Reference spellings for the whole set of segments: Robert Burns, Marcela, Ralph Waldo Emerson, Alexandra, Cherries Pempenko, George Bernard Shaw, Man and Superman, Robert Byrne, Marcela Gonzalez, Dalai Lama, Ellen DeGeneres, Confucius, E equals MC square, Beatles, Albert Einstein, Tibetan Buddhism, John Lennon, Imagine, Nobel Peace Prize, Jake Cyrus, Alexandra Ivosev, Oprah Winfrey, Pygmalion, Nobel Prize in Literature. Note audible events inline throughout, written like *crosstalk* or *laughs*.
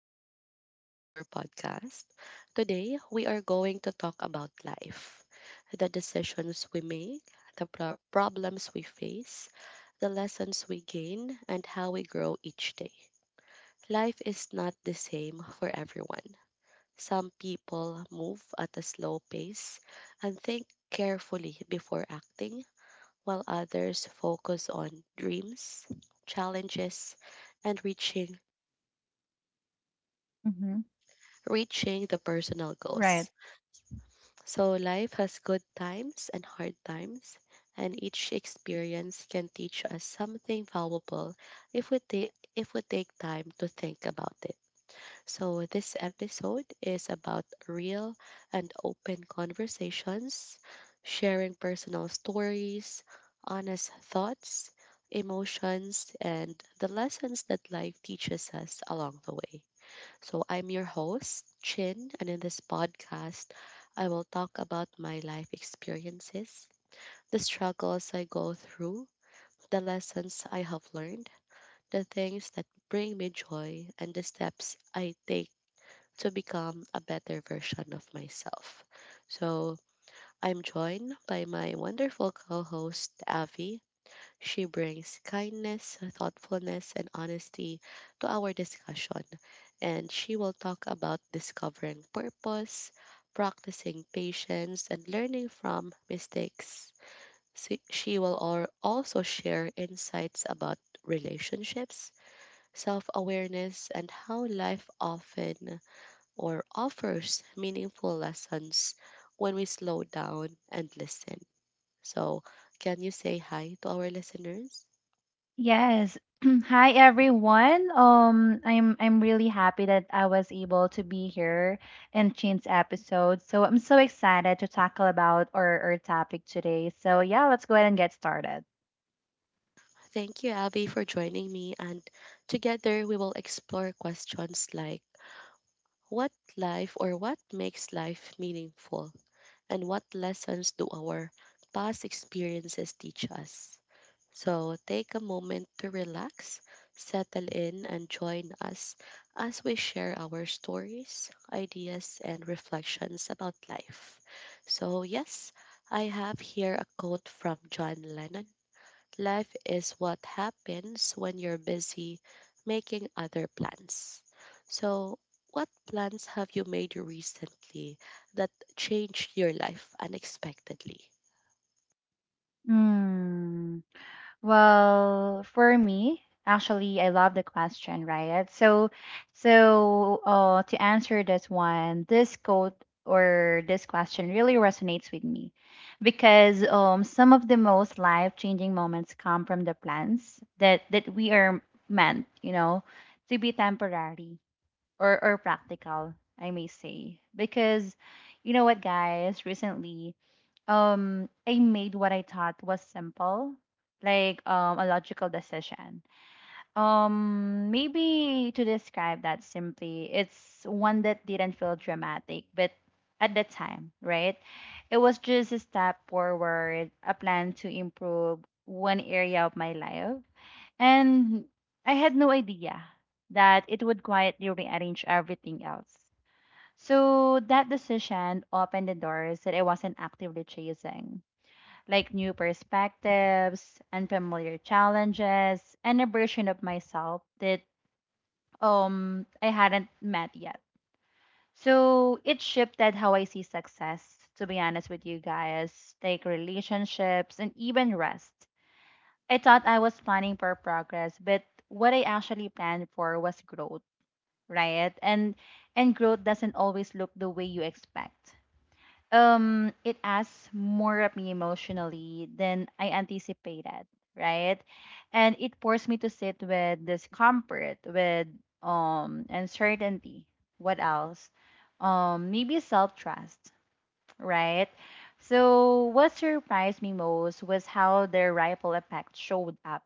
welcome back to our podcast. Today, we are going to talk about life, the decisions we make, the problems we face, the lessons we gain, and how we grow each day. Life is not the same for everyone. Some people move at a slow pace and think carefully before acting, while others focus on dreams, challenges, and Mm-hmm. reaching the personal Right. goals. So life has good times and hard times, and each experience can teach us something valuable if we take time to think about it. So this episode is about real and open conversations, sharing personal stories, honest thoughts, emotions, and the lessons that life teaches us along the way. So, I'm your host, Chin, and in this podcast, I will talk about my life experiences, the struggles I go through, the lessons I have learned, the things that bring me joy, and the steps I take to become a better version of myself. So, I'm joined by my wonderful co host, Avi. She brings kindness, thoughtfulness, and honesty to our discussion, and she will talk about discovering purpose, practicing patience, and learning from mistakes. She will also share insights about relationships, self awareness, and how life often or offers meaningful lessons when we slow down and listen. So, can you say hi to our listeners? Yes. *clears throat* Hi everyone. I'm really happy that I was able to be here in Chin's episode. So I'm so excited to tackle about our topic today. So yeah, let's go ahead and get started. Thank you, Abby, for joining me. And together we will explore questions like what life or what makes life meaningful? And what lessons do our past experiences teach us? So take a moment to relax, settle in, and join us as we share our stories, ideas, and reflections about life. So, yes, I have here a quote from John Lennon. Life is what happens when you're busy making other plans. So, what plans have you made recently that changed your life unexpectedly? Mm. Well, for me, actually, I love the question, right? So to answer this one, this quote or this question really resonates with me because some of the most life-changing moments come from the plans that we are meant, you know, to be temporary or practical, I may say. Because you know what, guys, recently I made what I thought was simple, like a logical decision. Maybe to describe that simply, it's one that didn't feel dramatic, but at the time, right? It was just a step forward, a plan to improve one area of my life. And I had no idea that it would quietly rearrange everything else. So that decision opened the doors that I wasn't actively chasing, like new perspectives, unfamiliar challenges, and a version of myself that I hadn't met yet. So it shifted how I see success, to be honest with you guys, like relationships and even rest. I thought I was planning for progress, but what I actually planned for was growth, right? And growth doesn't always look the way you expect. It asks more of me emotionally than I anticipated, right? And it forced me to sit with discomfort, with uncertainty. What else? Maybe self-trust, right? So what surprised me most was how their ripple effect showed up,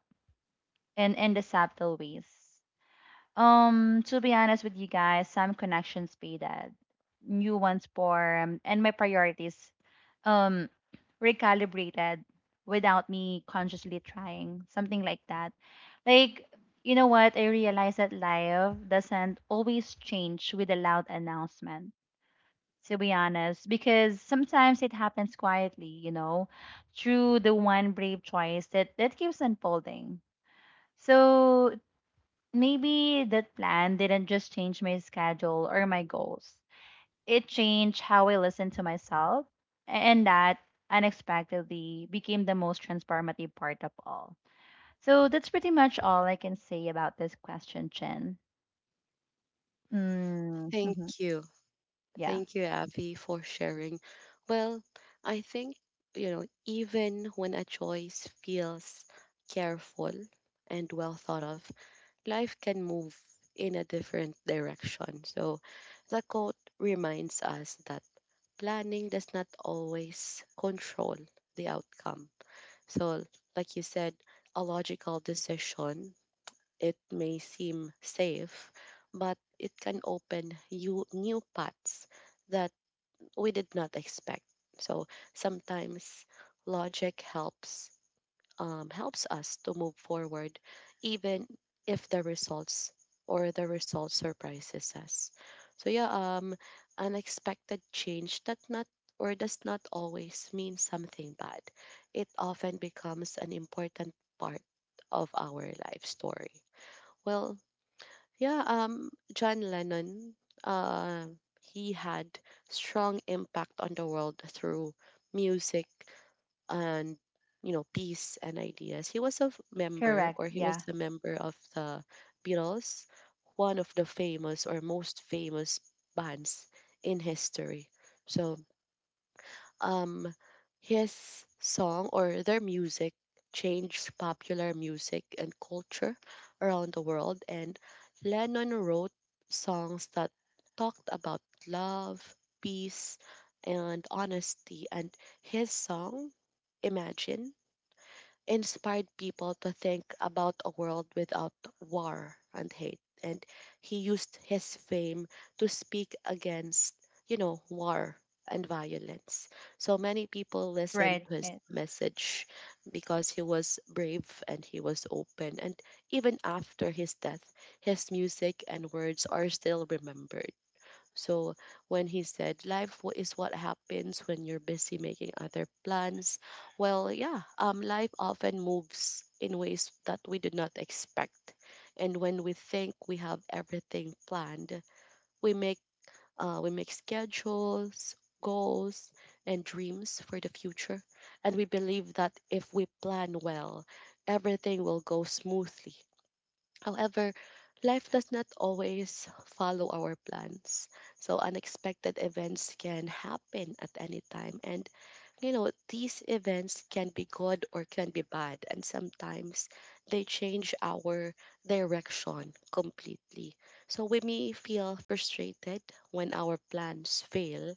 and in the subtle ways. To be honest with you guys, some connections faded, new ones formed, and my priorities um recalibrated without me consciously trying, something like that. Like, you know what? I realized that life doesn't always change with a loud announcement, to be honest, because sometimes it happens quietly, you know, through the one brave choice that keeps unfolding. So maybe that plan didn't just change my schedule or my goals. It changed how I listened to myself, and that unexpectedly became the most transformative part of all. So that's pretty much all I can say about this question, Chen. Mm, Thank mhm. you. Yeah, Thank you, Abby, for sharing. Well, I think, you know, even when a choice feels careful and well thought of, life can move in a different direction. So the quote reminds us that planning does not always control the outcome. So, like you said, a logical decision, it may seem safe, but it can open you new paths that we did not expect. So, sometimes logic helps us to move forward, even if the results or the result surprises us. So yeah, um, unexpected change that not or does not always mean something bad. It often becomes an important part of our life story. Well, yeah, John Lennon, uh, he had strong impact on the world through music and, you know, peace and ideas. He was a member, correct. or he was Yeah, the member of the Beatles, one of the famous or most famous bands in history. So um, his song or their music changed popular music and culture around the world, and Lennon wrote songs that talked about love, peace, and honesty. And his song, Imagine, inspired people to think about a world without war and hate. And he used his fame to speak against, you know, war and violence. So many people listened right. to his Right. message because he was brave and he was open. And even after his death, his music and words are still remembered. So when he said life is what happens when you're busy making other plans, well, yeah, life often moves in ways that we did not expect. And when we think we have everything planned, we make we make schedules, goals, and dreams for the future. And we believe that if we plan well, everything will go smoothly. However, life does not always follow our plans. So unexpected events can happen at any time. And, you know, these events can be good or can be bad. And sometimes they change our direction completely. So we may feel frustrated when our plans fail.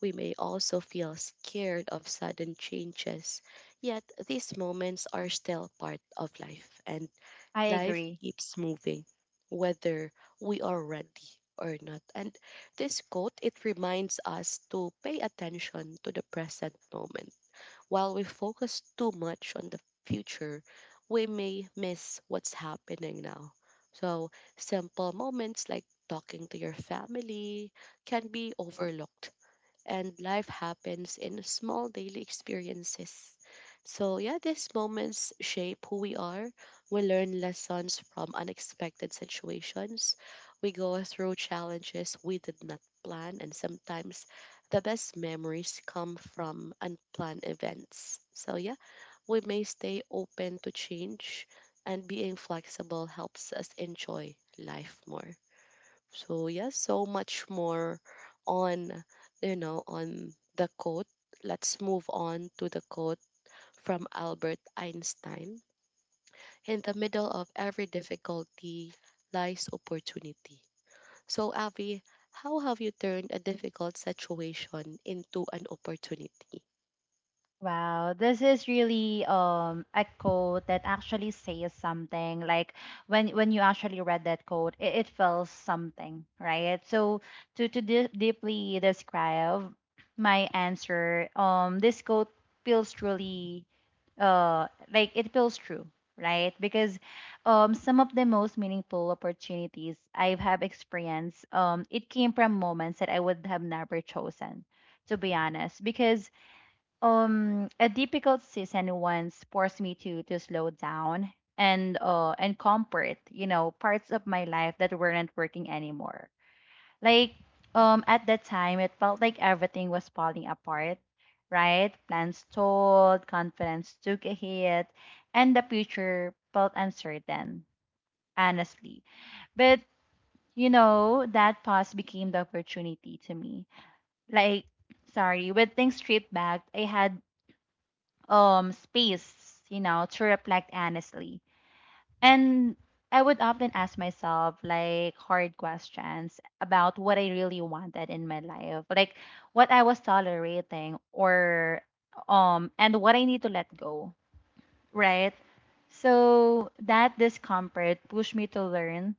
We may also feel scared of sudden changes. Yet these moments are still part of life. And I life agree. keeps moving, whether we are ready or not. And this quote, it reminds us to pay attention to the present moment. While we focus too much on the future, we may miss what's happening now. So, simple moments like talking to your family can be overlooked, and life happens in small daily experiences. So, yeah, these moments shape who we are. We learn lessons from unexpected situations. We go through challenges we did not plan, and sometimes the best memories come from unplanned events. So, yeah, we may stay open to change, and being flexible helps us enjoy life more. So yes, so much more on, you know, on the quote. Let's move on to the quote from Albert Einstein. In the middle of every difficulty lies opportunity. So Avi, how have you turned a difficult situation into an opportunity? Wow, this is really a quote that actually says something. Like when you actually read that quote, it feels something, right? So to deeply describe my answer, this quote feels truly, like it feels true, right? Because some of the most meaningful opportunities I have experienced, it came from moments that I would have never chosen, to be honest, because a difficult season once forced me to slow down and comfort, you know, parts of my life that weren't working anymore. Like at that time it felt like everything was falling apart, right? Plans stalled, confidence took a hit, and the future felt uncertain, honestly. But you know, that pause became the opportunity to me. Like sorry, with things stripped back, I had space, you know, to reflect honestly. And I would often ask myself like hard questions about what I really wanted in my life, like what I was tolerating or and what I need to let go, right? So that discomfort pushed me to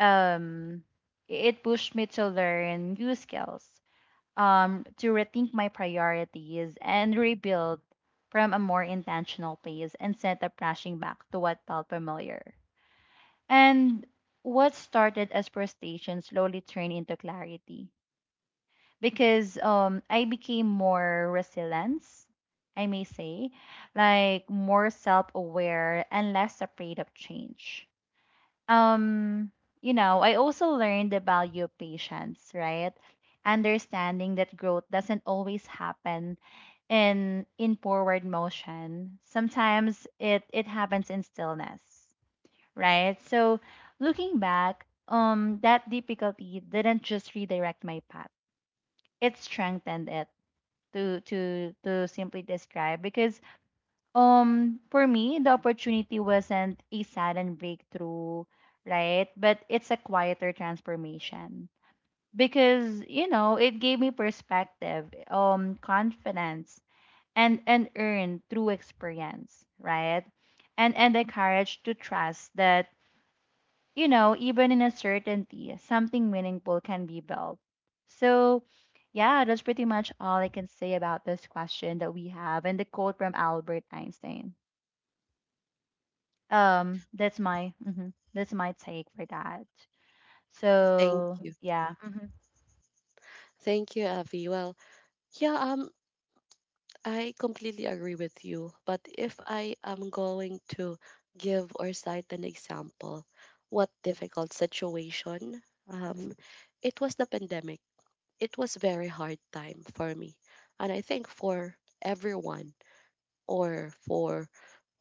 um learn new skills, to rethink my priorities and rebuild from a more intentional place instead of rushing back to what felt familiar. And what started as frustration slowly turned into clarity because I became more resilient, I may say, like more self aware and less afraid of change. um you know, I also learned the value of patience, right? Understanding that growth doesn't always happen in forward motion. Sometimes it happens in stillness, right? So looking back, that difficulty didn't just redirect my path, it strengthened it. To simply describe, because for me, the opportunity wasn't a sudden breakthrough, right? But it's a quieter transformation because, you know, it gave me perspective, confidence, and earned through experience, right? And the courage to trust that, you know, even in uncertainty, something meaningful can be built. So, yeah, that's pretty much all I can say about this question that we have and the quote from Albert Einstein. That's my that's my take for that. Thank So you. yeah, hmm. Thank you, Avi. Well, yeah, I completely agree with you. But if I am going to give or cite an example, what difficult situation? Um, it was the pandemic. It was very hard time for me, and I think for everyone or for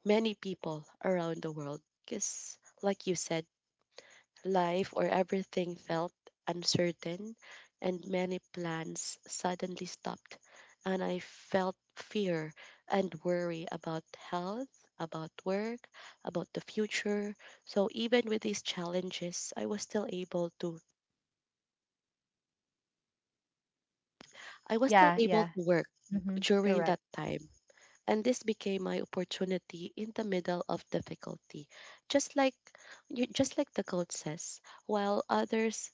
many people around the world. Because, like you said, life or everything felt uncertain, and many plans suddenly stopped. And I felt fear and worry about health, about work, about the future. So even with these challenges, I was still Yeah, able yeah, to work hmm, during correct. that time. And this became my opportunity in the middle of difficulty. Just like just like the quote says, while others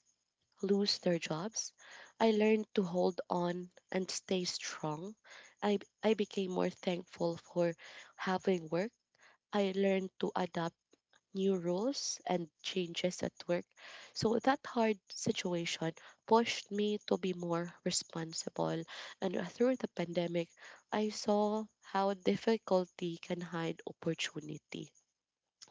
lose their jobs, I learned to hold on and stay strong. I became more thankful for having work. I learned to adapt new rules and changes at work. So that hard situation pushed me to be more responsible. And through the pandemic, I saw how difficulty can hide opportunity.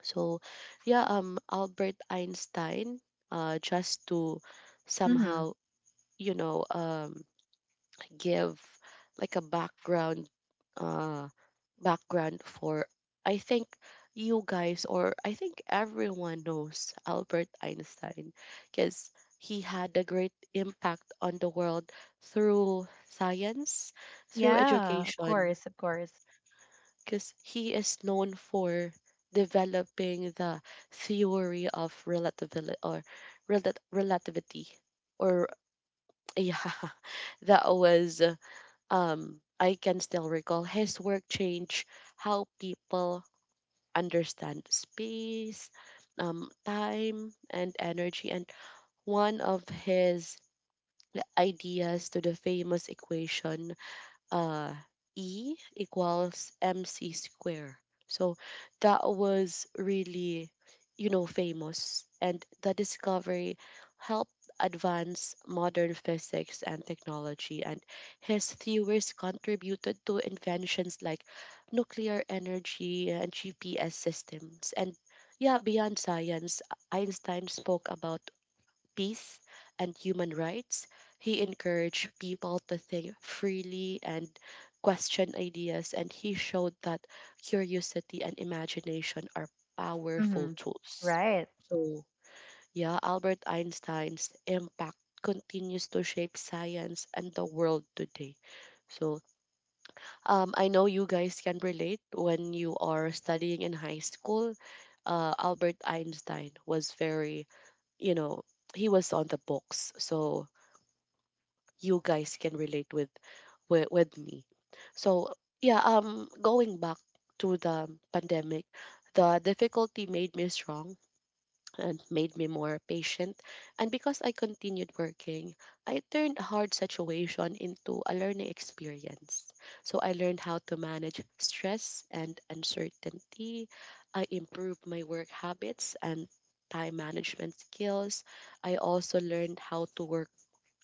So, yeah, Albert Einstein, just to Hmm. somehow, you know, give like a background uh background for, I think, you guys or I think everyone knows Albert Einstein, because he had a great impact on the world through science, through Yeah, of education, course, of course. because he is known for developing the theory of relativity or relativity or *laughs* yeah that was I can still recall his work changed how people understand space, time, and energy. And one of his ideas to the famous equation uh, E equals MC square. So that was really, you know, famous. And the discovery helped advance modern physics and technology. And his theories contributed to inventions like nuclear energy and GPS systems. And yeah, beyond science, Einstein spoke about peace, and human rights, he encouraged people to think freely and question ideas, and he showed that curiosity and imagination are powerful Hmm. tools. Right, So, yeah, Albert Einstein's impact continues to shape science and the world today. So, I know you guys can relate when you are studying in high school. Albert Einstein was very, you know, he was on the books, so you guys can relate with me, so yeah, going back to the pandemic, the difficulty made me strong and made me more patient. And because I continued working, I turned a hard situation into a learning experience. So I learned how to manage stress and uncertainty. I improved my work habits and time management skills. I also learned how to work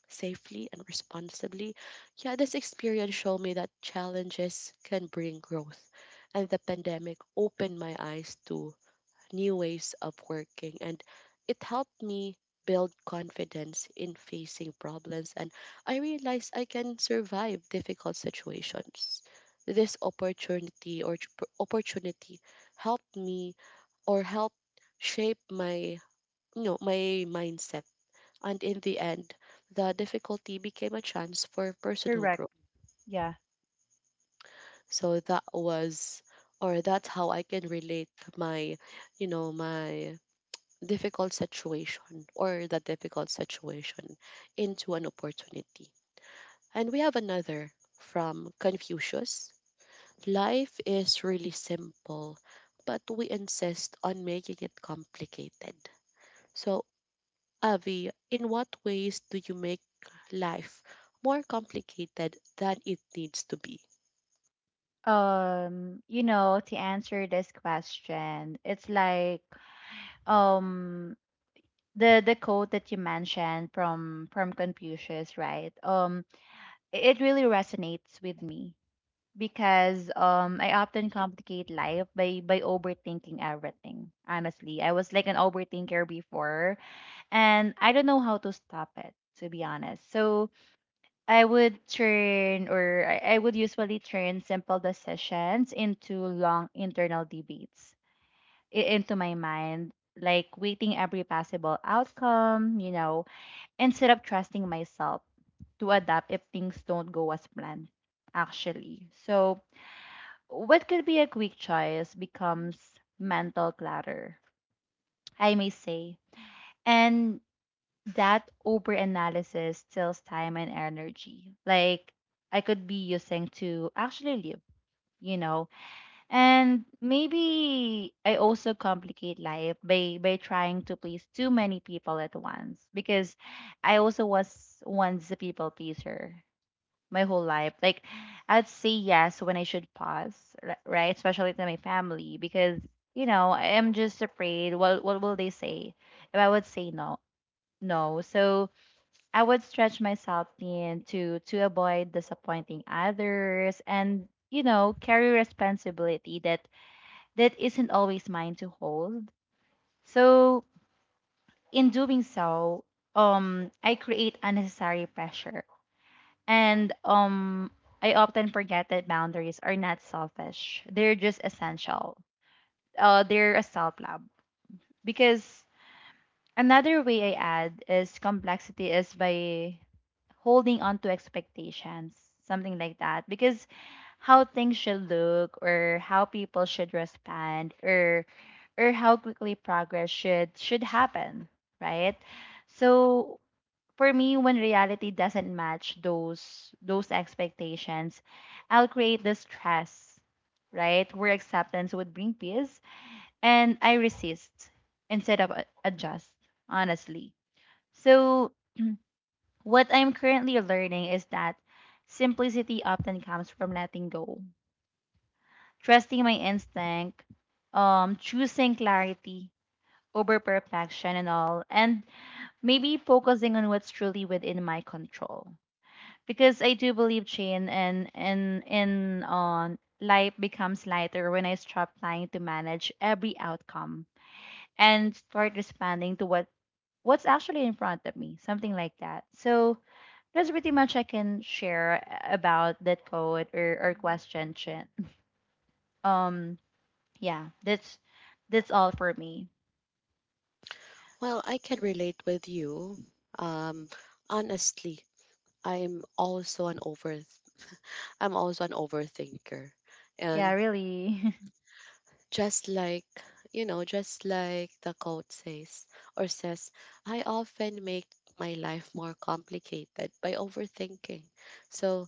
safely and responsibly. Yeah, this experience showed me that challenges can bring growth. And the pandemic opened my eyes to new ways of working, and it helped me build confidence in facing problems, and I realized I can survive difficult situations. This opportunity or opportunity helped me or helped shape my, you know, my mindset, and in the end the difficulty became a chance for personal correct. growth. Yeah. So that was or that's how I can relate my, you know, my difficult situation or that difficult situation into an opportunity. And we have another from Confucius. Life is really simple, but we insist on making it complicated. So, Avi, in what ways do you make life more complicated than it needs to be? You know, to answer this question, it's like um the quote that you mentioned from Confucius, right? It it really resonates with me because I often complicate life by overthinking everything. Honestly, I was like an overthinker before and I don't know how to stop it, to be honest. So I would turn, or I would usually turn simple decisions into long internal debates into my mind, like waiting every possible outcome, you know, instead of trusting myself to adapt if things don't go as planned, actually. So what could be a quick choice becomes mental clutter, I may say. And that overanalysis steals time and energy. Like I could be using to actually live, you know. And maybe I also complicate life by trying to please too many people at once, because I also was once a people pleaser my whole life. Like, I'd say yes when I should pause, right? Especially to my family, because you know I am just afraid. What will they say if I would say no? No, so I would stretch myself thin to avoid disappointing others, and you know, carry responsibility that isn't always mine to hold. So in doing so, I create unnecessary pressure. And I often forget that boundaries are not selfish. They're just essential. They're a self love. Because another way I add is complexity is by holding on to expectations, something like that. Because how things should look, or how people should respond, or how quickly progress should happen, right? So for me, when reality doesn't match those expectations, I'll create the stress, right, where acceptance would bring peace. And I resist instead of adjust, honestly. So what I'm currently learning is that simplicity often comes from letting go, trusting my instinct, choosing clarity over perfection and all. And maybe focusing on what's truly within my control, because I do believe Chin, and in on life becomes lighter when I stop trying to manage every outcome and start responding to what's actually in front of me, something like that. So that's pretty much I can share about that code, or question, Chin. Um yeah, that's all for me. Well, I can relate with you. Um, honestly, I'm also an overthinker I'm also an overthinker. Yeah, And really. just like, you know, just like the quote says, I often make my life more complicated by overthinking. So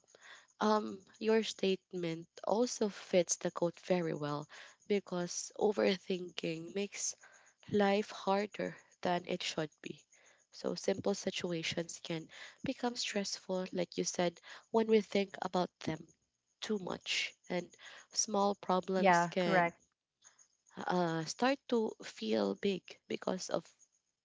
your statement also fits the quote very well because overthinking makes life harder than it should be. So simple situations can become stressful, like you said, when we think about them too much, and small *laughs* problems Yeah, can correct. Start to feel big because of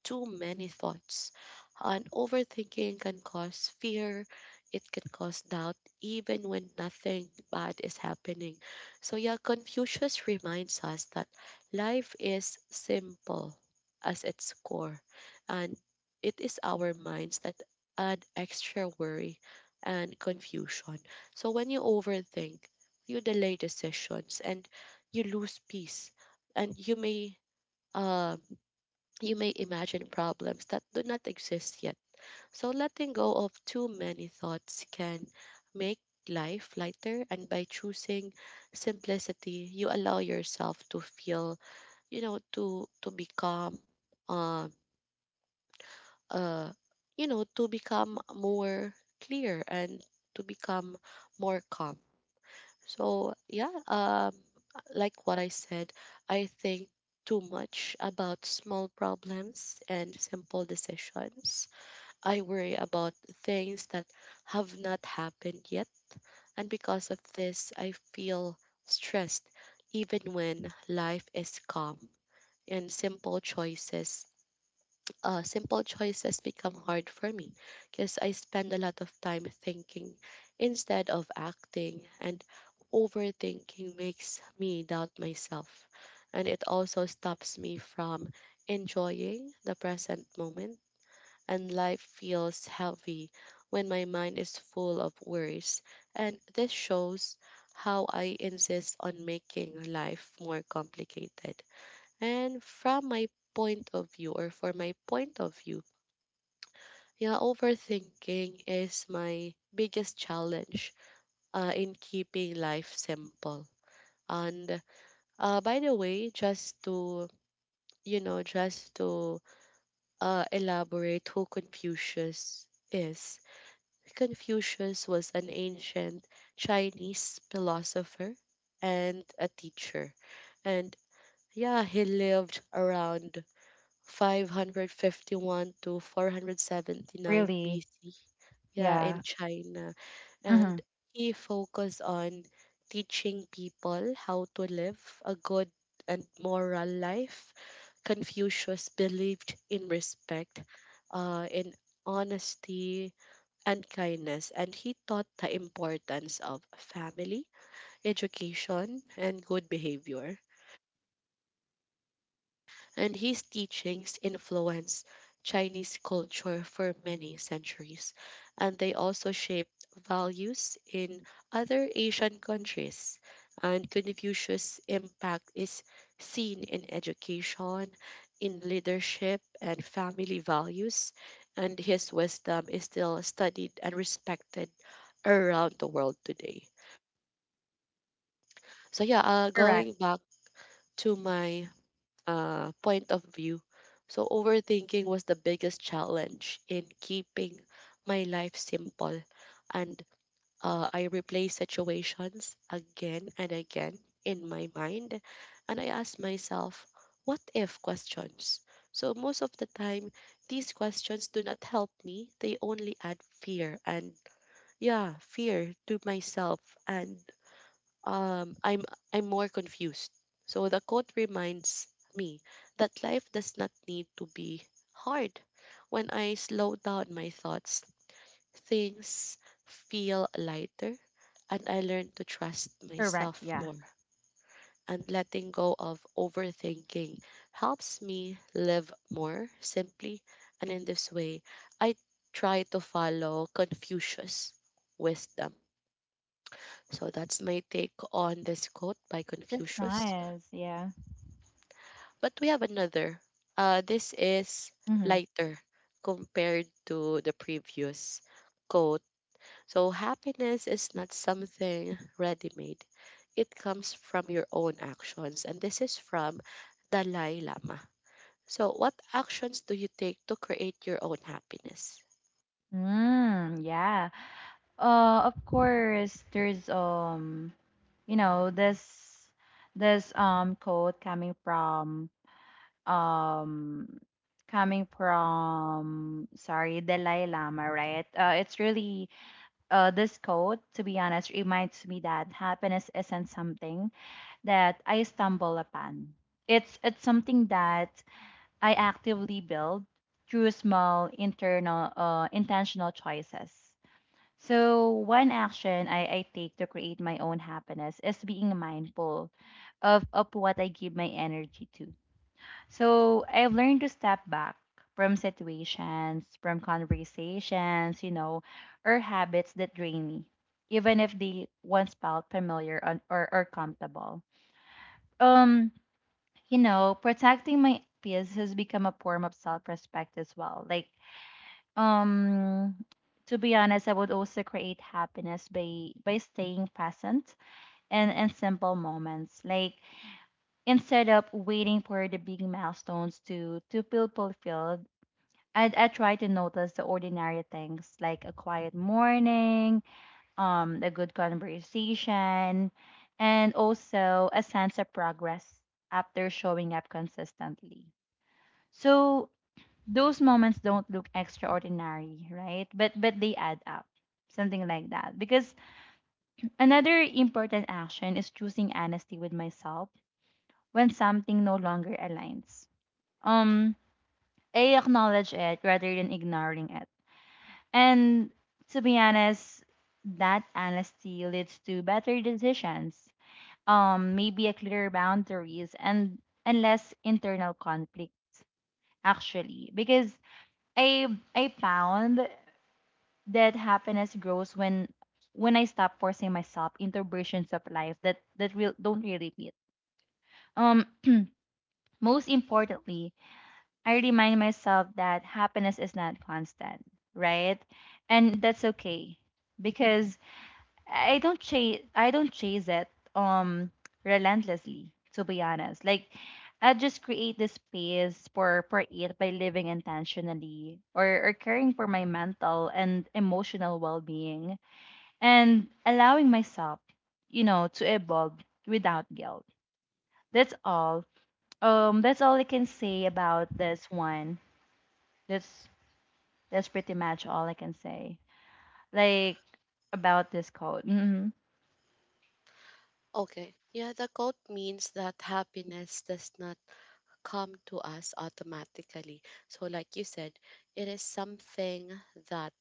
too many thoughts. And overthinking can cause fear, it can cause doubt, even when nothing bad is happening. So, yeah, Confucius reminds us that life is simple as its core, and it is our minds that add extra worry and confusion. So, when you overthink, you delay decisions and you lose peace, and uh, you may imagine problems that do not exist yet. So letting go of too many thoughts can make life lighter, and by choosing simplicity you allow yourself to feel you know to become um uh you know to become more clear and to become more calm. So yeah, like what I said, I think too much about small problems and simple decisions. I worry about things that have not happened yet, and because of this, I feel stressed even when life is calm, and simple choices become hard for me because I spend a lot of time thinking instead of acting, and overthinking makes me doubt myself. And it also stops me from enjoying the present moment. And life feels heavy when my mind is full of worries. And this shows how I insist on making life more complicated. And from my point of view, or for my point of view, yeah, overthinking is my biggest challenge in keeping life simple. And by the way, just to elaborate who Confucius is, Confucius was an ancient Chinese philosopher and a teacher. And yeah, he lived around 551 to 479 Really. BC, yeah, in Yeah. China. And Mm-hmm. he focused on teaching people how to live a good and moral life. Confucius believed in respect, in honesty, and kindness, and he taught the importance of family, education, and good behavior. And his teachings influenced Chinese culture for many centuries, and they also shaped values in other Asian countries. And Confucius' impact is seen in education, in leadership, and family values, and his wisdom is still studied and respected around the world today. So, yeah, Correct. going back to my point of view. So, overthinking was the biggest challenge in keeping my life simple. And I replay situations again and again in my mind. And I ask myself, what if questions? So, most of the time, these questions do not help me, they only add fear and, yeah, fear to myself, and um, I'm I'm more confused. So the quote reminds me that life does not need to be hard. When I slow down my thoughts, things feel lighter and I learn to trust Correct. myself Yeah. more. And letting go of overthinking helps me live more simply. And in this way, I try to follow Confucius wisdom. So that's my take on this quote by That's Confucius. nice. Yeah. But we have another. This is Mm-hmm. lighter compared to the previous quote. So, happiness is not something ready made, it comes from your own actions. And this is from Dalai Lama. So, what actions do you take to create your own happiness? Mm, yeah. Of course, there's you know, this quote coming from um sorry, Dalai Lama, right? It's really this quote, to be honest, reminds me that happiness isn't something that I stumble upon. It's something that I actively build through small internal intentional choices. So one action I take to create my own happiness is being mindful of what I give my energy to. So I've learned to step back from situations, from conversations, you know, or habits that drain me, even if they once felt familiar on, or comfortable. Um, you know, protecting my peace has become a form of self-respect as well. Like um to be honest, I would also create happiness by staying present and simple moments, like instead of waiting for the big milestones to feel fulfilled, I try to notice the ordinary things like a quiet morning, a good conversation, and also a sense of progress after showing up consistently. So those moments don't look extraordinary, right? But they add up. Something like that. Because another important action is choosing honesty with myself when something no longer aligns. Um I acknowledge it rather than ignoring it. And to be honest, that honesty leads to better decisions. Maybe a clearer boundaries and less internal conflict, actually, because I I found that happiness grows when I stop forcing myself into versions of life that that real don't really fit. Um, most importantly, I remind myself that happiness is not constant, right? And that's okay, because I don't chase it um relentlessly. To be honest, like I just create the space for it by living intentionally, or caring for my mental and emotional well being, and allowing myself, you know, to evolve without guilt. That's all. I can say about this one. That's that's pretty much all I can say. Like about this code. Okay, yeah, the quote means that happiness does not come to us automatically. So, like you said, it is something that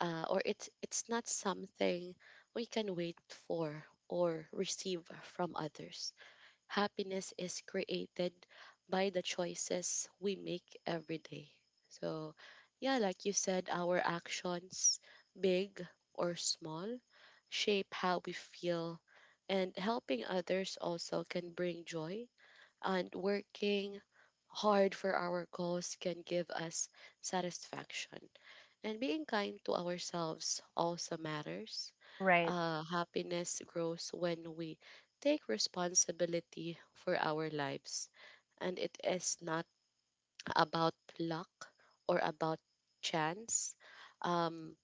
or it's not something we can wait for or receive from others. Happiness is created by the choices we make every day. So, yeah, like you said, our actions, big or small, shape how we feel, and helping others also can bring joy. And working hard for our goals can give us satisfaction. And being kind to ourselves also matters. Right. Happiness grows when we take responsibility for our lives. And it is not about luck or about chance. Um,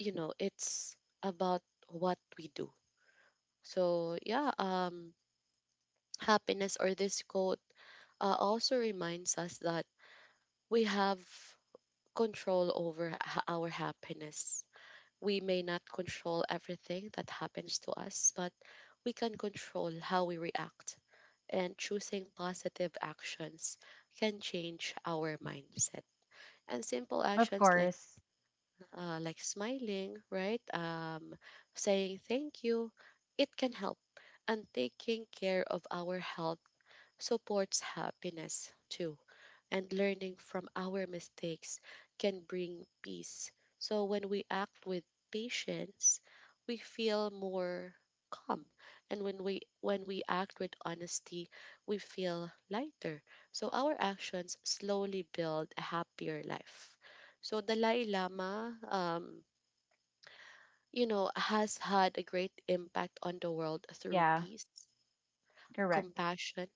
it's about what we do. So, yeah, happiness or this quote also reminds us that we have control over our happiness. We may not control everything that happens to us, but we can control how we react, and choosing positive actions can change our mindset. And simple Of actions course. Like smiling, right? Saying thank you, it can help. And taking care of our health supports happiness too, and learning from our mistakes can bring peace. So when we act with patience, we feel more calm, and when we act with honesty we feel lighter, so our actions slowly build a happier life. So Dalai Lama, you know, has had a great impact on the world through Yeah, peace, correct. compassion,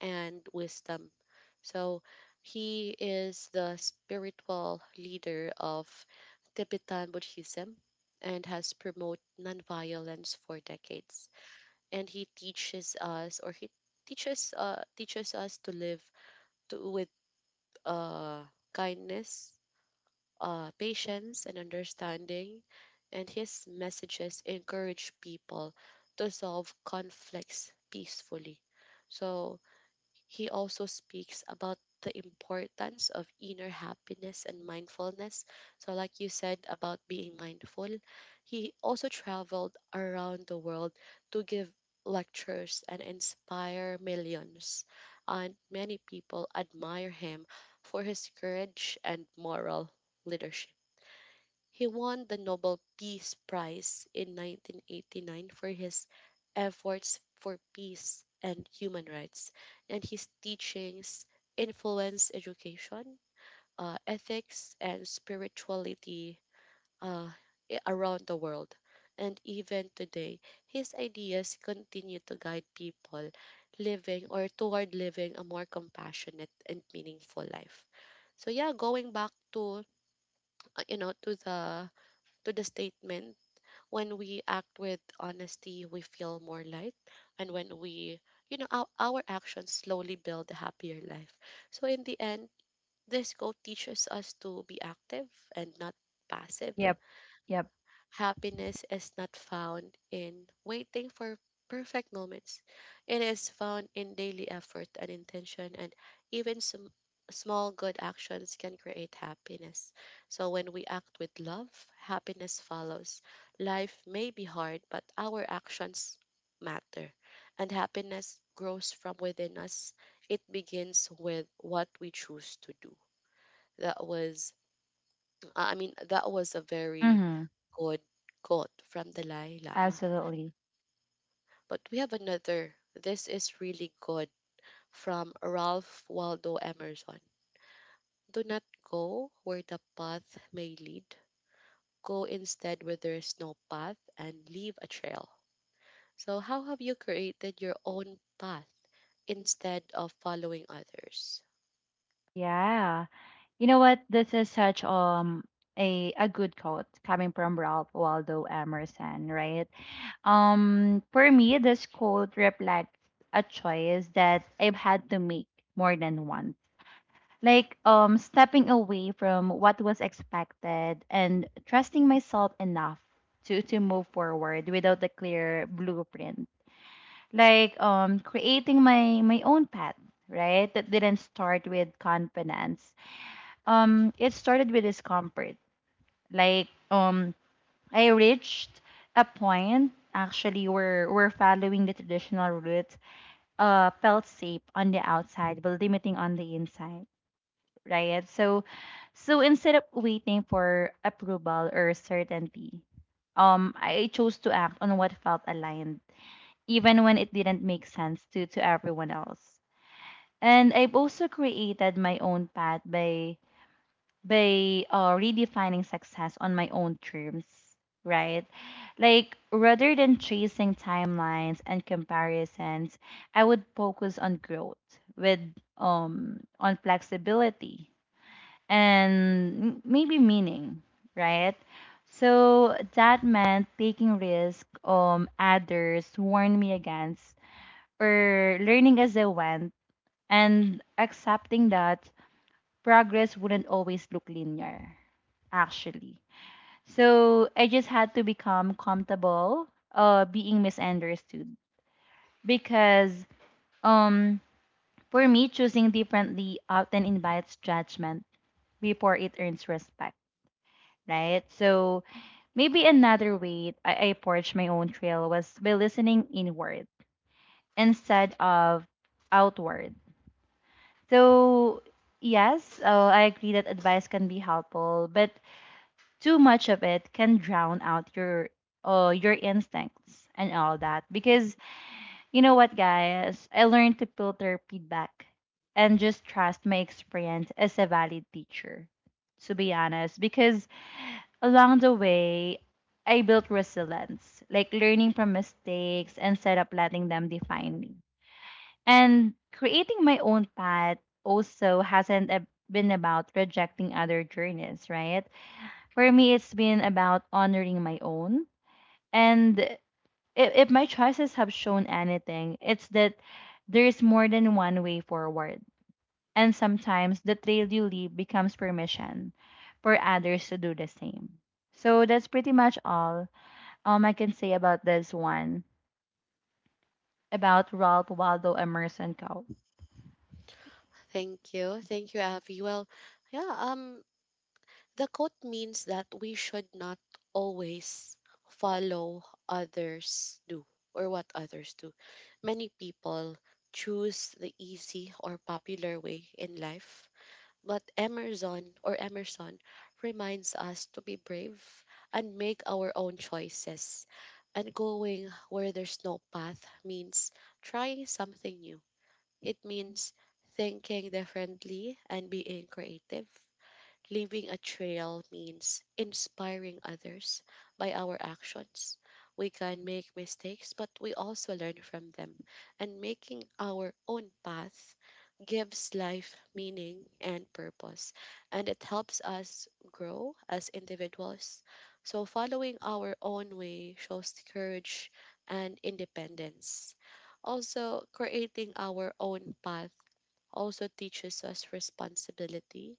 and wisdom. So he is the spiritual leader of Tibetan Buddhism and has promoted nonviolence for decades. And he teaches us to live with uh, kindness, patience, and understanding. And his messages encourage people to solve conflicts peacefully. So he also speaks about the importance of inner happiness and mindfulness. So, like you said about being mindful, he also traveled around the world to give lectures and inspire millions. And many people admire him for his courage and moral leadership. He won the Nobel Peace Prize in 1989 for his efforts for peace and human rights, and his teachings influence education, ethics, and spirituality uh, around the world. And even today, his ideas continue to guide people living or toward living a more compassionate and meaningful life. So yeah, going back to, you know, to the statement, when we act with honesty, we feel more light. And when we, you know, our actions slowly build a happier life. So in the end, this goal teaches us to be active and not passive. Yep. Yep. Happiness is not found in waiting for perfect moments. It is found in daily effort and intention, and even some small good actions can create happiness. So, when we act with love, happiness follows. Life may be hard, but our actions matter, and happiness grows from within us. It begins with what we choose to do. That was I mean, that was a very Mm-hmm. good quote from Dalai Lama. Absolutely. But we have another. This is really good, from Ralph Waldo Emerson. Do not go where the path may lead. Go instead where there is no path and leave a trail. So, how have you created your own path instead of following others? Yeah. You know what? This is such a good quote coming from Ralph Waldo Emerson, right? For me, this quote reflects a choice that I've had to make more than once. Like stepping away from what was expected and trusting myself enough to move forward without a clear blueprint. Like creating my own path, right? That didn't start with confidence, it started with discomfort. Like I reached a point actually where following the traditional route felt safe on the outside but limiting on the inside, right? So instead of waiting for approval or certainty, I chose to act on what felt aligned, even when it didn't make sense to everyone else. And I've also created my own path by redefining success on my own terms, right? Like, rather than chasing timelines and comparisons, I would focus on growth with on flexibility and maybe meaning, right? So that meant taking risk others warned me against or learning as I went, and accepting that progress wouldn't always look linear actually. So I just had to become comfortable being misunderstood, because um for me choosing differently often invites judgment before it earns respect, right? So maybe another way I forged my own trail was by listening inward instead of outward. So yes, I agree that advice can be helpful, but too much of it can drown out your instincts and all that, because you know what guys, I learned to filter feedback and just trust my experience as a valid teacher, to be honest. Because along the way I built resilience, like learning from mistakes instead of letting them define me. And creating my own path also hasn't a- been about rejecting other journeys, right? For me, it's been about honoring my own. And if my choices have shown anything, it's that there is more than one way forward. And sometimes the trail you leave becomes permission for others to do the same. So that's pretty much all, I can say about this one, about Ralph Waldo Emerson Co. Thank you. Thank you, Avi. Well, yeah, the quote means that we should not always follow others do or what others do. Many people choose the easy or popular way in life, but Emerson reminds us to be brave and make our own choices. And going where there's no path means trying something new. It means thinking differently and being creative. Leaving a trail means inspiring others by our actions. We can make mistakes, but we also learn from them. And making our own path gives life meaning and purpose. And it helps us grow as individuals. So, following our own way shows courage and independence. Also, creating our own path also teaches us responsibility.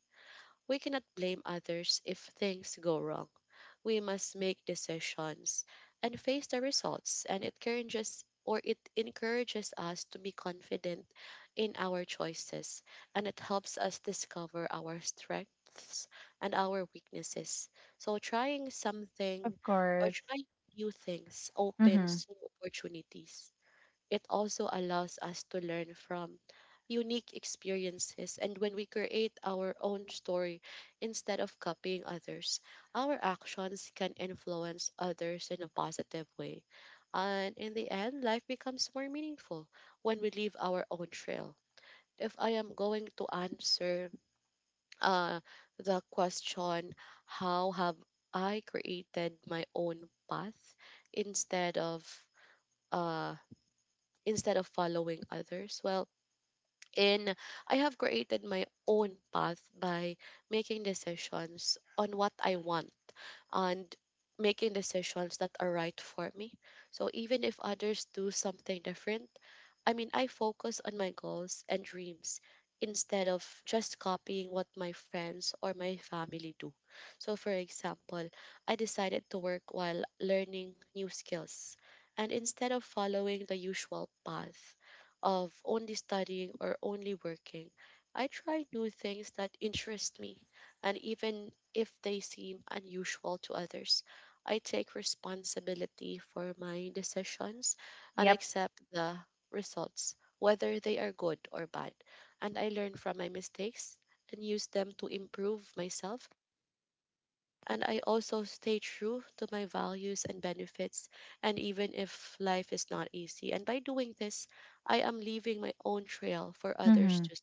We cannot blame others if things go wrong. We must make decisions and face the results, and it encourages us to be confident in our choices, and it helps us discover our strengths and our weaknesses. So trying something Of or course. trying new things Mm-hmm. opens new opportunities. It also allows us to learn from unique experiences. And when we create our own story instead of copying others, our actions can influence others in a positive way. And in the end, life becomes more meaningful when we leave our own trail. If I am going to answer uh, the question, how have I created my own path instead of, uh, following others. Well, and I have created my own path by making decisions on what I want and making decisions that are right for me. So even if others do something different, I mean, I focus on my goals and dreams instead of just copying what my friends or my family do. So, for example, I decided to work while learning new skills. And instead of following the usual path of only studying or only working, I tried new things that interest me, and even if they seem unusual to others. I take responsibility for my decisions and Yep. accept the results, whether they are good or bad. And I learn from my mistakes and use them to improve myself. And I also stay true to my values and benefits, and even if life is not easy. And by doing this, I am leaving my own trail for others Mm-hmm. to,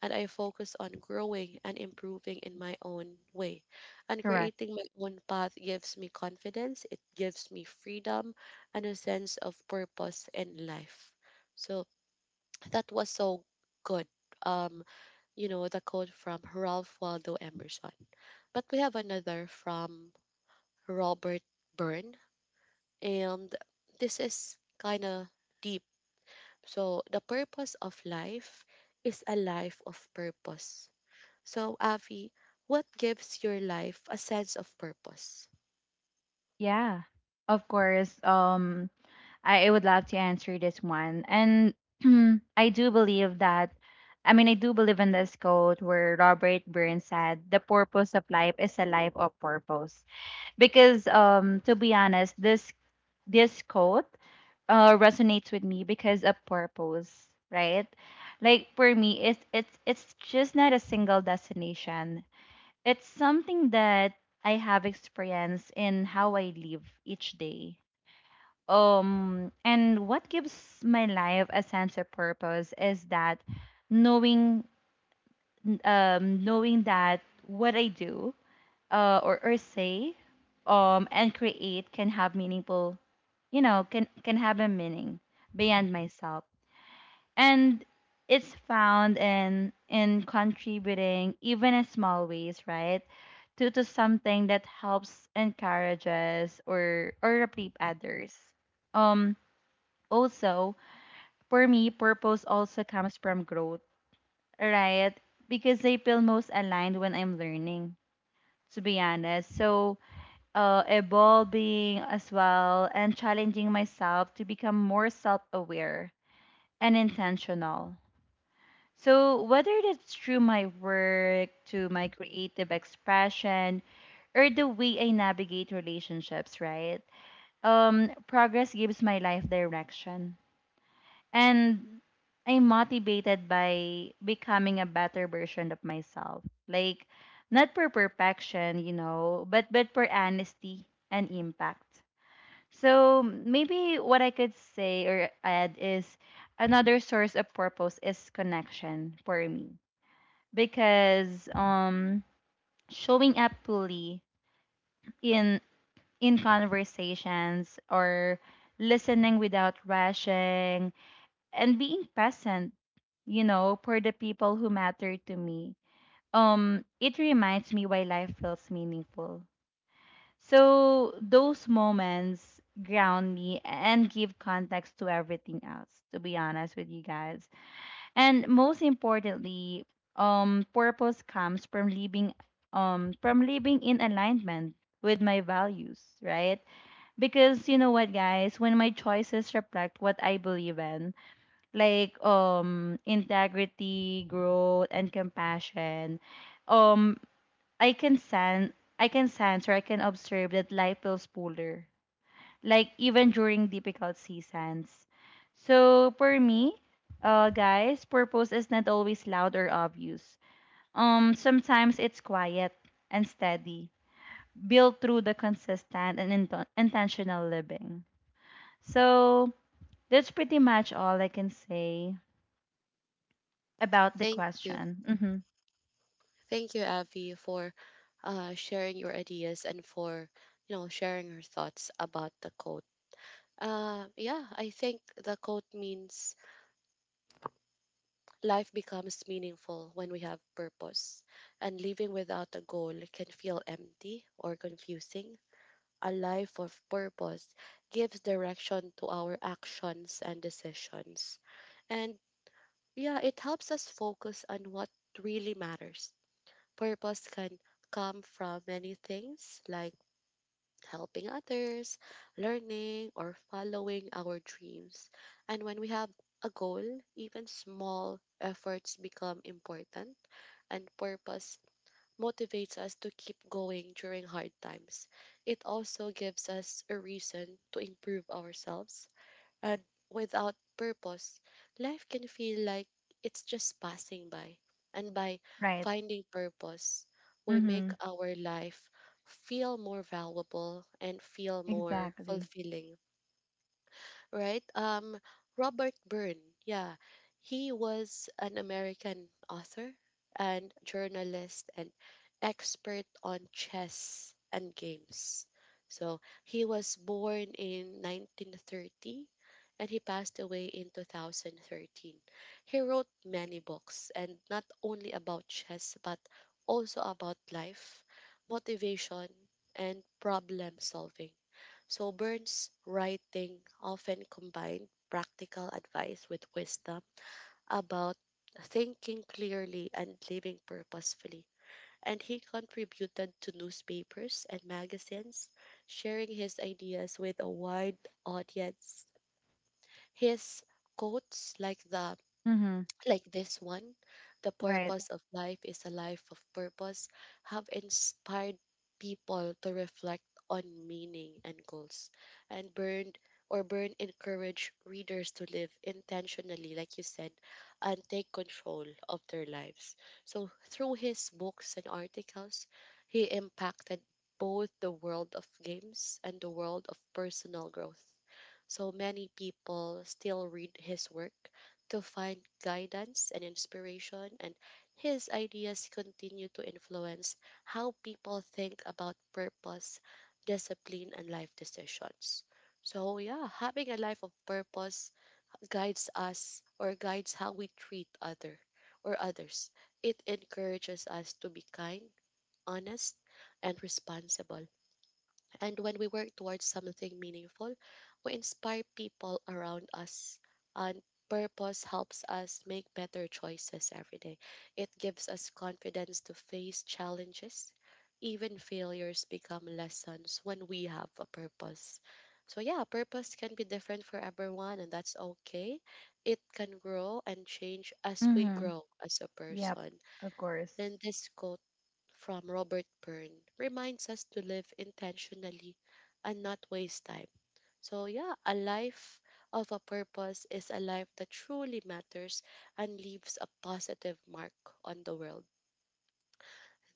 and I focus on growing and improving in my own way. And Correct. creating my own path gives me confidence, it gives me freedom, and a sense of purpose in life. So *tsk* that was so good. Um, you know, the quote from Ralph Waldo Emerson. But we have another from Robert Byrne, and this is kind of deep. So, the purpose of life is a life of purpose. So, Avi, what gives your life a sense of purpose? Yeah. Of course. I would love to answer this one. And *clears throat* I do believe that, I mean, I do believe in this quote where Robert Burns said, the purpose of life is a life of purpose. Because to be honest, this quote resonates with me because of purpose, right? Like for me, it's just not a single destination. It's something that I have experienced in how I live each day. And what gives my life a sense of purpose is that knowing, knowing that what I do, or say, and create can have meaningful, you know, can have a meaning beyond myself, and it's found in contributing even in small ways, right? To something that helps, encourages, or uplift others. Um, also, for me, purpose also comes from growth, right? Because I feel most aligned when I'm learning, to be honest. So, evolving as well, and challenging myself to become more self aware and intentional. So, whether it's through my work, to my creative expression, or the way I navigate relationships, right? Progress gives my life direction. And I'm motivated by becoming a better version of myself. Like not for perfection, you know, but for honesty and impact. So maybe what I could say or add is another source of purpose is connection for me, because showing up fully in conversations or listening without rushing and being present, you know, for the people who matter to me. It reminds me why life feels meaningful. So those moments ground me and give context to everything else, to be honest with you guys. And most importantly, purpose comes from living in alignment with my values, right? Because you know what, guys, when my choices reflect what I believe in, like integrity, growth, and compassion, um I can sense, I can sense or I can observe that life feels fuller. Like even during difficult seasons. So for me, guys, purpose is not always loud or obvious. Sometimes it's quiet and steady, built through the consistent and intentional living. So that's pretty much all I can say about the Thank you. question. Mm-hmm. Thank you, Avi, for sharing your ideas and for, you know, sharing your thoughts about the quote. Yeah, I think the quote means life becomes meaningful when we have purpose, and living without a goal can feel empty or confusing. A life of purpose gives direction to our actions and decisions. And yeah, it helps us focus on what really matters. Purpose can come from many things, like helping others, learning, or following our dreams. And when we have a goal, even small efforts become important, and purpose motivates us to keep going during hard times. It also gives us a reason to improve ourselves. And without purpose, life can feel like it's just passing by. And by Right. finding purpose, we make Mm-hmm. our life feel more valuable and feel more Exactly. fulfilling, right? Robert Byrne, yeah, he was an American author and journalist and expert on chess and games. So he was born in 1930 and he passed away in 2013. He wrote many books, and not only about chess but also about life, motivation, and problem solving. So Burns' writing often combined practical advice with wisdom about thinking clearly and living purposefully. And he contributed to newspapers and magazines, sharing his ideas with a wide audience. His quotes, like the Mm-hmm. like this one, the Right. purpose of life is a life of purpose, have inspired people to reflect on meaning and goals. And burned or burn encourage readers to live intentionally, like you said, and take control of their lives. So through his books and articles, he impacted both the world of games and the world of personal growth. So many people still read his work to find guidance and inspiration, and his ideas continue to influence how people think about purpose, discipline, and life decisions. So, yeah, having a life of purpose guides us, or guides how we treat other or others. It encourages us to be kind, honest, and responsible. And when we work towards something meaningful, we inspire people around us. And purpose helps us make better choices every day. It gives us confidence to face challenges. Even failures become lessons when we have a purpose. So, yeah, purpose can be different for everyone, and that's okay. It can grow and change as we Mm-hmm. grow as a Yep. person. Of And course. this quote from Robert Byrne reminds us to live intentionally and not waste time. So, yeah, a life of a purpose is a life that truly matters and leaves a positive mark on the world.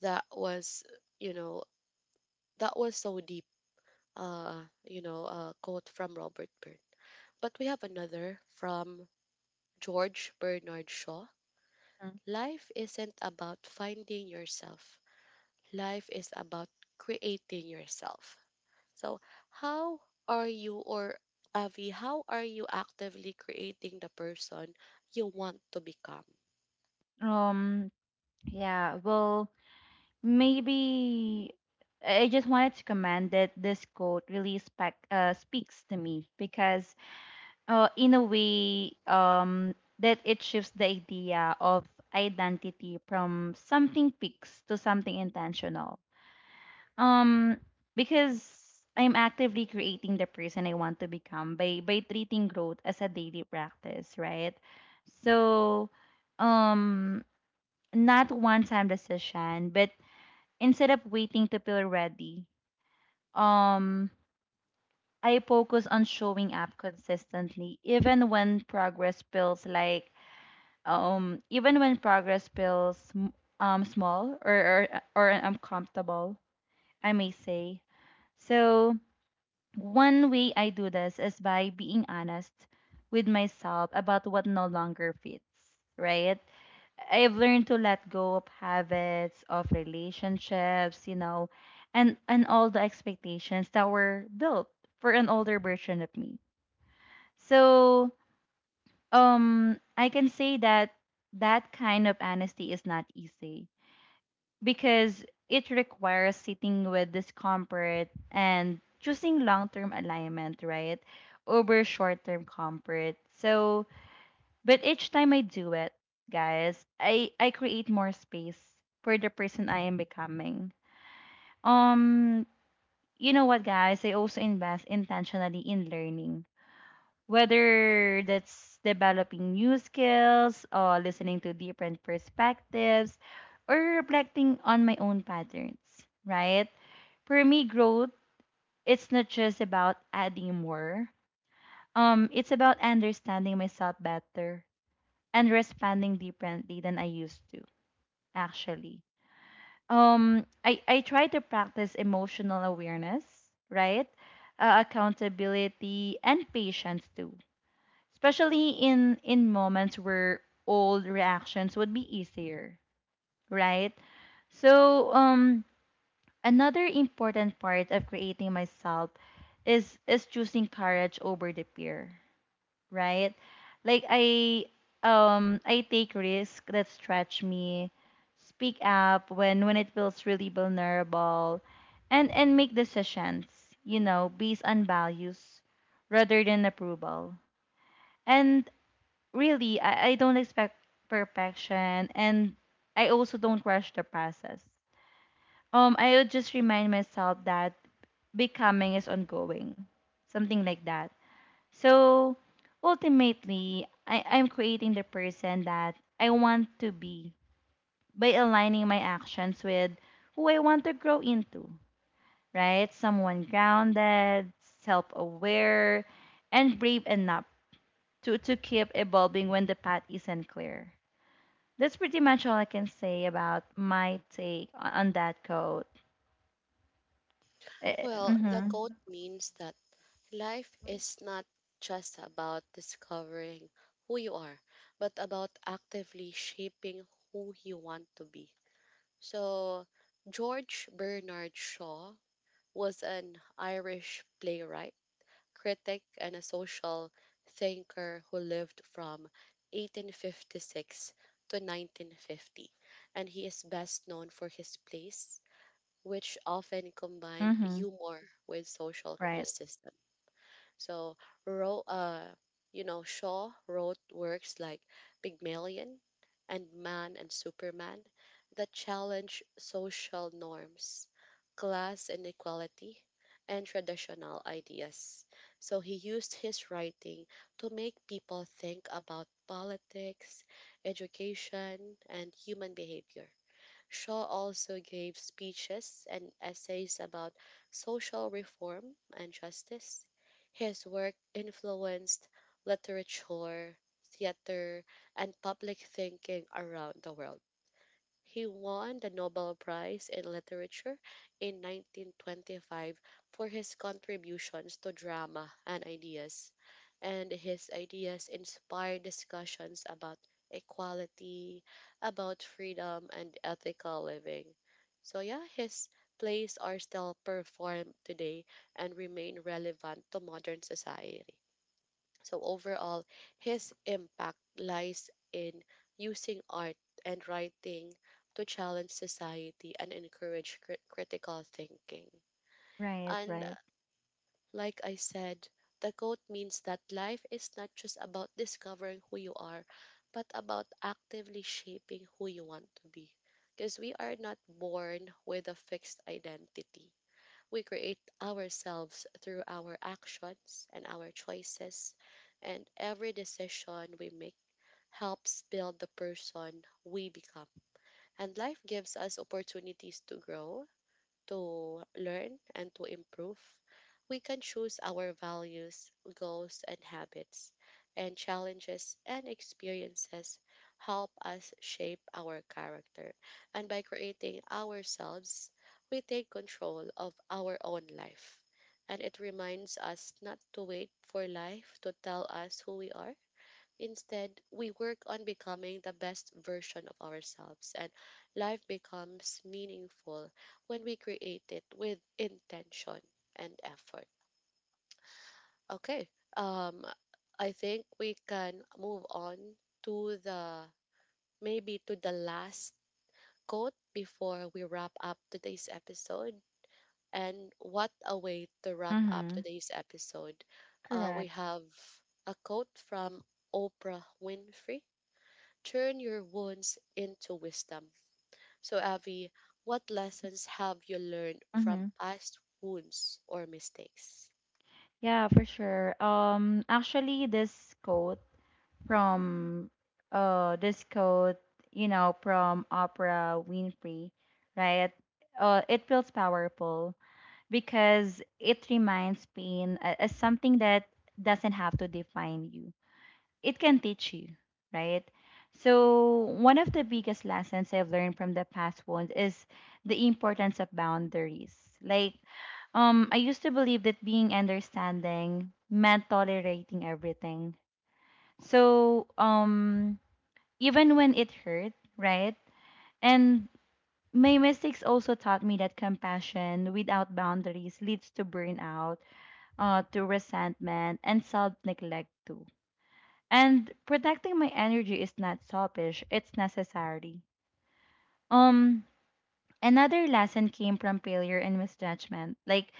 That was, you know, that was so deep, you know, a quote from Robert Byrne. But we have another from George Bernard Shaw. Mm. Life isn't about finding yourself, life is about creating yourself. So, how are you or Avi, how are you actively creating the person you want to become? Um. Yeah. Well, maybe I just wanted to comment that this quote really spec speaks to me because, in a way, that it shifts the idea of identity from something fixed to something intentional. Um, because I'm actively creating the person I want to become by treating growth as a daily practice, right? So, um, not one time decision, but instead of waiting to feel ready, um, I focus on showing up consistently, even when progress feels like, even when progress feels small or or uncomfortable, I may say. So. One way I do this is by being honest with myself about what no longer fits, right? I've learned to let go of habits, of relationships, you know, and all the expectations that were built for an older version of me. So, I can say that that kind of honesty is not easy, because it requires sitting with discomfort and choosing long-term alignment, right? Over short-term comfort. So, but each time I do it, guys, I create more space for the person I am becoming. Um, you know what, guys? I also invest intentionally in learning, whether that's developing new skills or listening to different perspectives or reflecting on my own patterns, right? For me, growth, it's not just about adding more. It's about understanding myself better and responding differently than I used to, actually. I try to practice emotional awareness, right? Accountability and patience too, especially in moments where old reactions would be easier, right? So another important part of creating myself is choosing courage over the fear, right? Like i take risks that stretch me, speak up when it feels really vulnerable, and make decisions, you know, based on values rather than approval. And really, I don't expect perfection, and I also don't rush the process. I would just remind myself that becoming is ongoing, something like that. So ultimately, I'm creating the person that I want to be by aligning my actions with who I want to grow into, right? Someone grounded, self aware, and brave enough to keep evolving when the path isn't clear. That's pretty much all I can say about my take on that quote. Well, the quote Mm-hmm. means that life is not just about discovering who you are, but about actively shaping who you want to be. So, George Bernard Shaw was an Irish playwright, critic, and a social thinker who lived from 1856 to 1950, and he is best known for his plays, which often combined Mm-hmm. humor with social Right. criticism. So Ro you know, Shaw wrote works like Pygmalion and Man and Superman that challenge social norms, class inequality, and traditional ideas. So he used his writing to make people think about politics, education, and human behavior. Shaw also gave speeches and essays about social reform and justice. His work influenced literature, theater, and public thinking around the world. He won the Nobel Prize in Literature in 1925 for his contributions to drama and ideas, and his ideas inspired discussions about equality, about freedom, and ethical living. So, yeah, his plays are still performed today and remain relevant to modern society. So overall, his impact lies in using art and writing to challenge society and encourage critical thinking. Right. And Right. like I said, the quote means that life is not just about discovering who you are, but about actively shaping who you want to be. Because we are not born with a fixed identity, we create ourselves through our actions and our choices, and every decision we make helps build the person we become. And life gives us opportunities to grow, to learn, and to improve. We can choose our values, goals, and habits, and challenges and experiences help us shape our character. And by creating ourselves, we take control of our own life. And it reminds us not to wait for life to tell us who we are. Instead, we work on becoming the best version of ourselves, and life becomes meaningful when we create it with intention and effort. Okay, um, I think we can move on to the maybe to the last quote before we wrap up today's episode. And what a way to wrap up Mm-hmm. today's episode! We Correct. have a quote from Oprah Winfrey: turn your wounds into wisdom. So, Avi, what lessons have you learned from Mm-hmm. past wounds or mistakes? Yeah, for sure. Actually, this quote from this quote, you know, from Oprah Winfrey, right? It feels powerful because it reminds pain as something that doesn't have to define you, it can teach you, right? So, one of the biggest lessons I've learned from the past wounds is the importance of boundaries. Like, I used to believe that being understanding meant tolerating everything. So, even when it hurt, right? And my mistakes also taught me that compassion without boundaries leads to burnout, to resentment, and self neglect too. And protecting my energy is not selfish, it's necessary. Um another lesson came from failure and misjudgment, like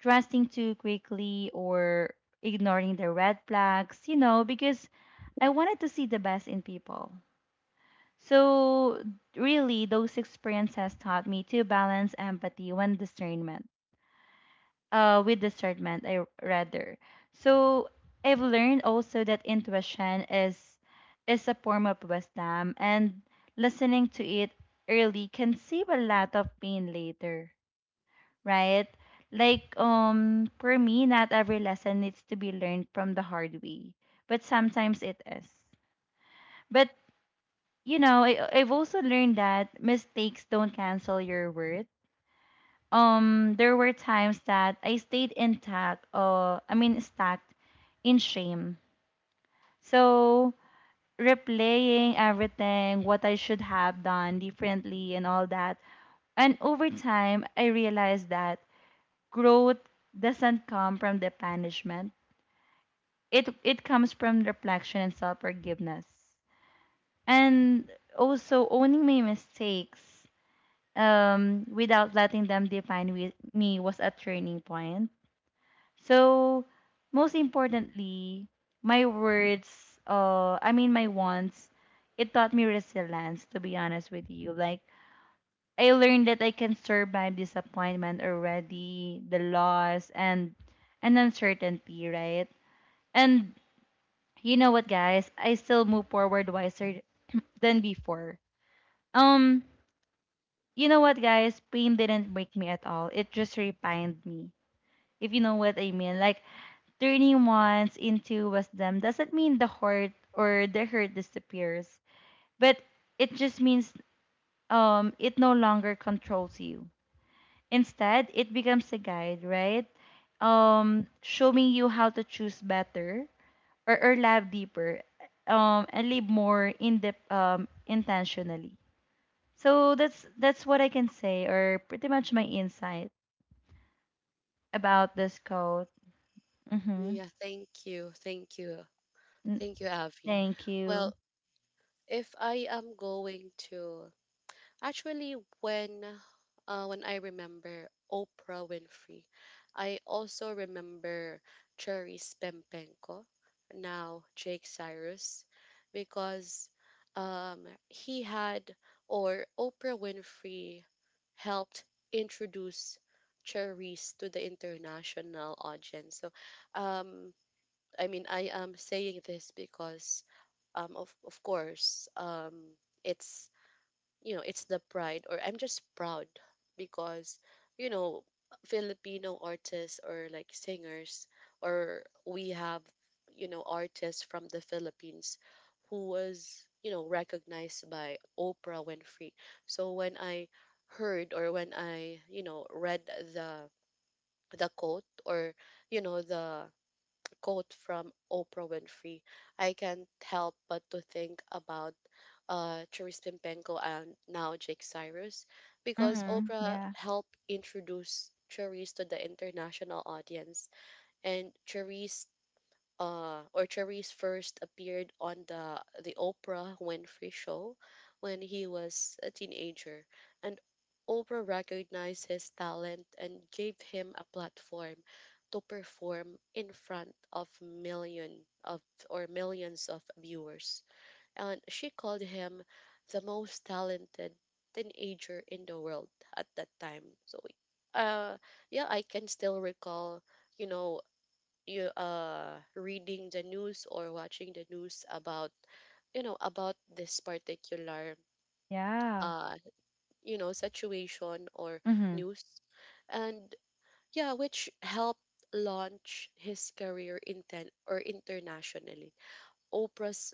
trusting too quickly or ignoring the red flags, you know, because I wanted to see the best in people. So really those experiences taught me to balance empathy and discernment. With discernment, I rather. So I've learned also that intuition is a form of wisdom, and listening to it early can save a lot of pain later, right? Like for me, not every lesson needs to be learned from the hard way, but sometimes it is. But you know, I've also learned that mistakes don't cancel your worth. There were times that I stayed intact, or I mean stuck in shame. So replaying everything, what I should have done differently and all that. And over time, I realized that growth doesn't come from the punishment. It comes from reflection and self-forgiveness. And also owning my mistakes, without letting them define me, was a turning point. So, most importantly, my words, I mean my wants, it taught me resilience, to be honest with you. Like, I learned that I can survive disappointment already, the loss, and uncertainty, right? And you know what, guys? I still move forward wiser *clears throat* than before. Um, you know what, guys? Pain didn't break me at all. It just refined me. If you know what I mean. Like turning wants into wisdom doesn't mean the hurt disappears, but it just means it no longer controls you. Instead, it becomes a guide, right? Showing you how to choose better or love deeper, and live more in depth, intentionally. So that's what I can say, or pretty much my insight about this quote. Mm-hmm. Yeah, thank you. Thank you. Thank you, Avi. Thank Well, you. if I am going to Actually, when I remember Oprah Winfrey, I also remember Cherries Pempenko, now Jake Cyrus, because he had or Oprah Winfrey helped introduce Cherries to the international audience. So, um, I mean, I am saying this because, of course, it's you know, it's the pride or I'm just proud because, you know, Filipino artists or like singers or we have, you know, artists from the Philippines who was, you know, recognized by Oprah Winfrey. So when I heard or when I, you know, read the quote or you know the quote from Oprah Winfrey, I can't help but to think about Therese Pimpenko and now Jake Cyrus, because Mhm. Oprah Yeah. helped introduce Therese to the international audience, and Therese Orcheris first appeared on the Oprah Winfrey show when he was a teenager, and Oprah recognized his talent and gave him a platform to perform in front of million of or millions of viewers, and she called him the most talented teenager in the world at that time. So, uh, yeah, I can still recall, you know, you reading the news or watching the news about, you know, about this particular Yeah. uh you know situation or Mhm. news, and yeah, which helped launch his career in ten or internationally. Oprah's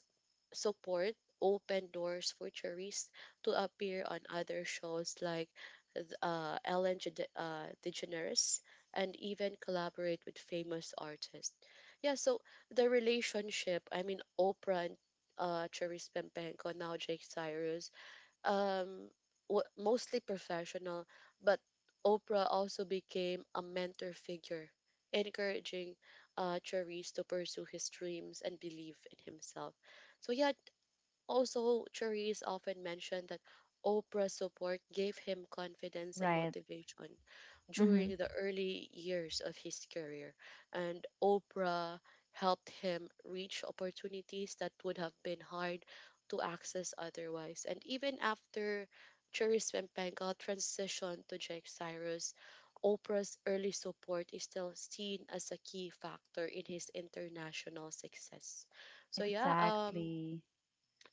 support opened doors for Cherise to appear on other shows like Ellen DeGeneres and even collaborate with famous artists. Yeah, so the relationship, I mean, Oprah and Cherise Pempenco, now Jake Cyrus, um, wa mostly professional, but Oprah also became a mentor figure, encouraging Cherise to pursue his dreams and believe in himself. So yeah, also, Cherise often mentioned that Oprah's support gave him confidence and Right. motivation Mhm. during the early years of his career. And Oprah helped him reach opportunities that would have been hard to access otherwise. And even after Cherise Pempenga transitioned to Jake Cyrus, Oprah's early support is still seen as a key factor in his international success. So yeah, um, Exactly.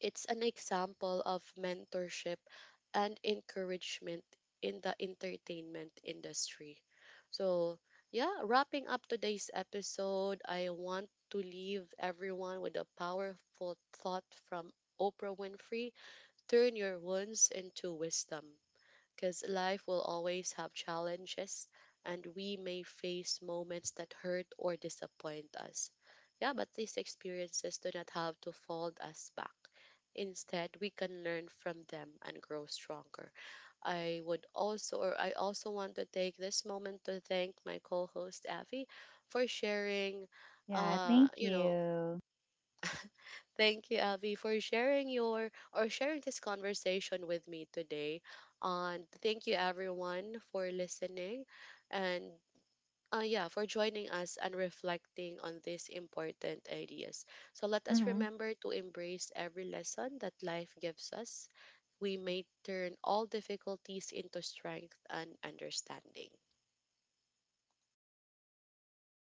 it's an example of mentorship and encouragement in the entertainment industry. So, yeah, wrapping up today's episode, I want to leave everyone with a powerful thought from Oprah Winfrey: turn your wounds into wisdom, because life will always have challenges, and we may face moments that hurt or disappoint us. Yeah, but these experiences do not have to fold us back. Instead, we can learn from them and grow stronger. I would also, or I also want to take this moment to thank my co-host Avi for sharing, Yeah, thank you know, you. *laughs* Thank you, Avi, for sharing your or sharing this conversation with me today. And thank you, everyone, for listening and yeah, for joining us and reflecting on these important ideas. So let us Mhm. remember to embrace every lesson that life gives us. We may turn all difficulties into strength and understanding.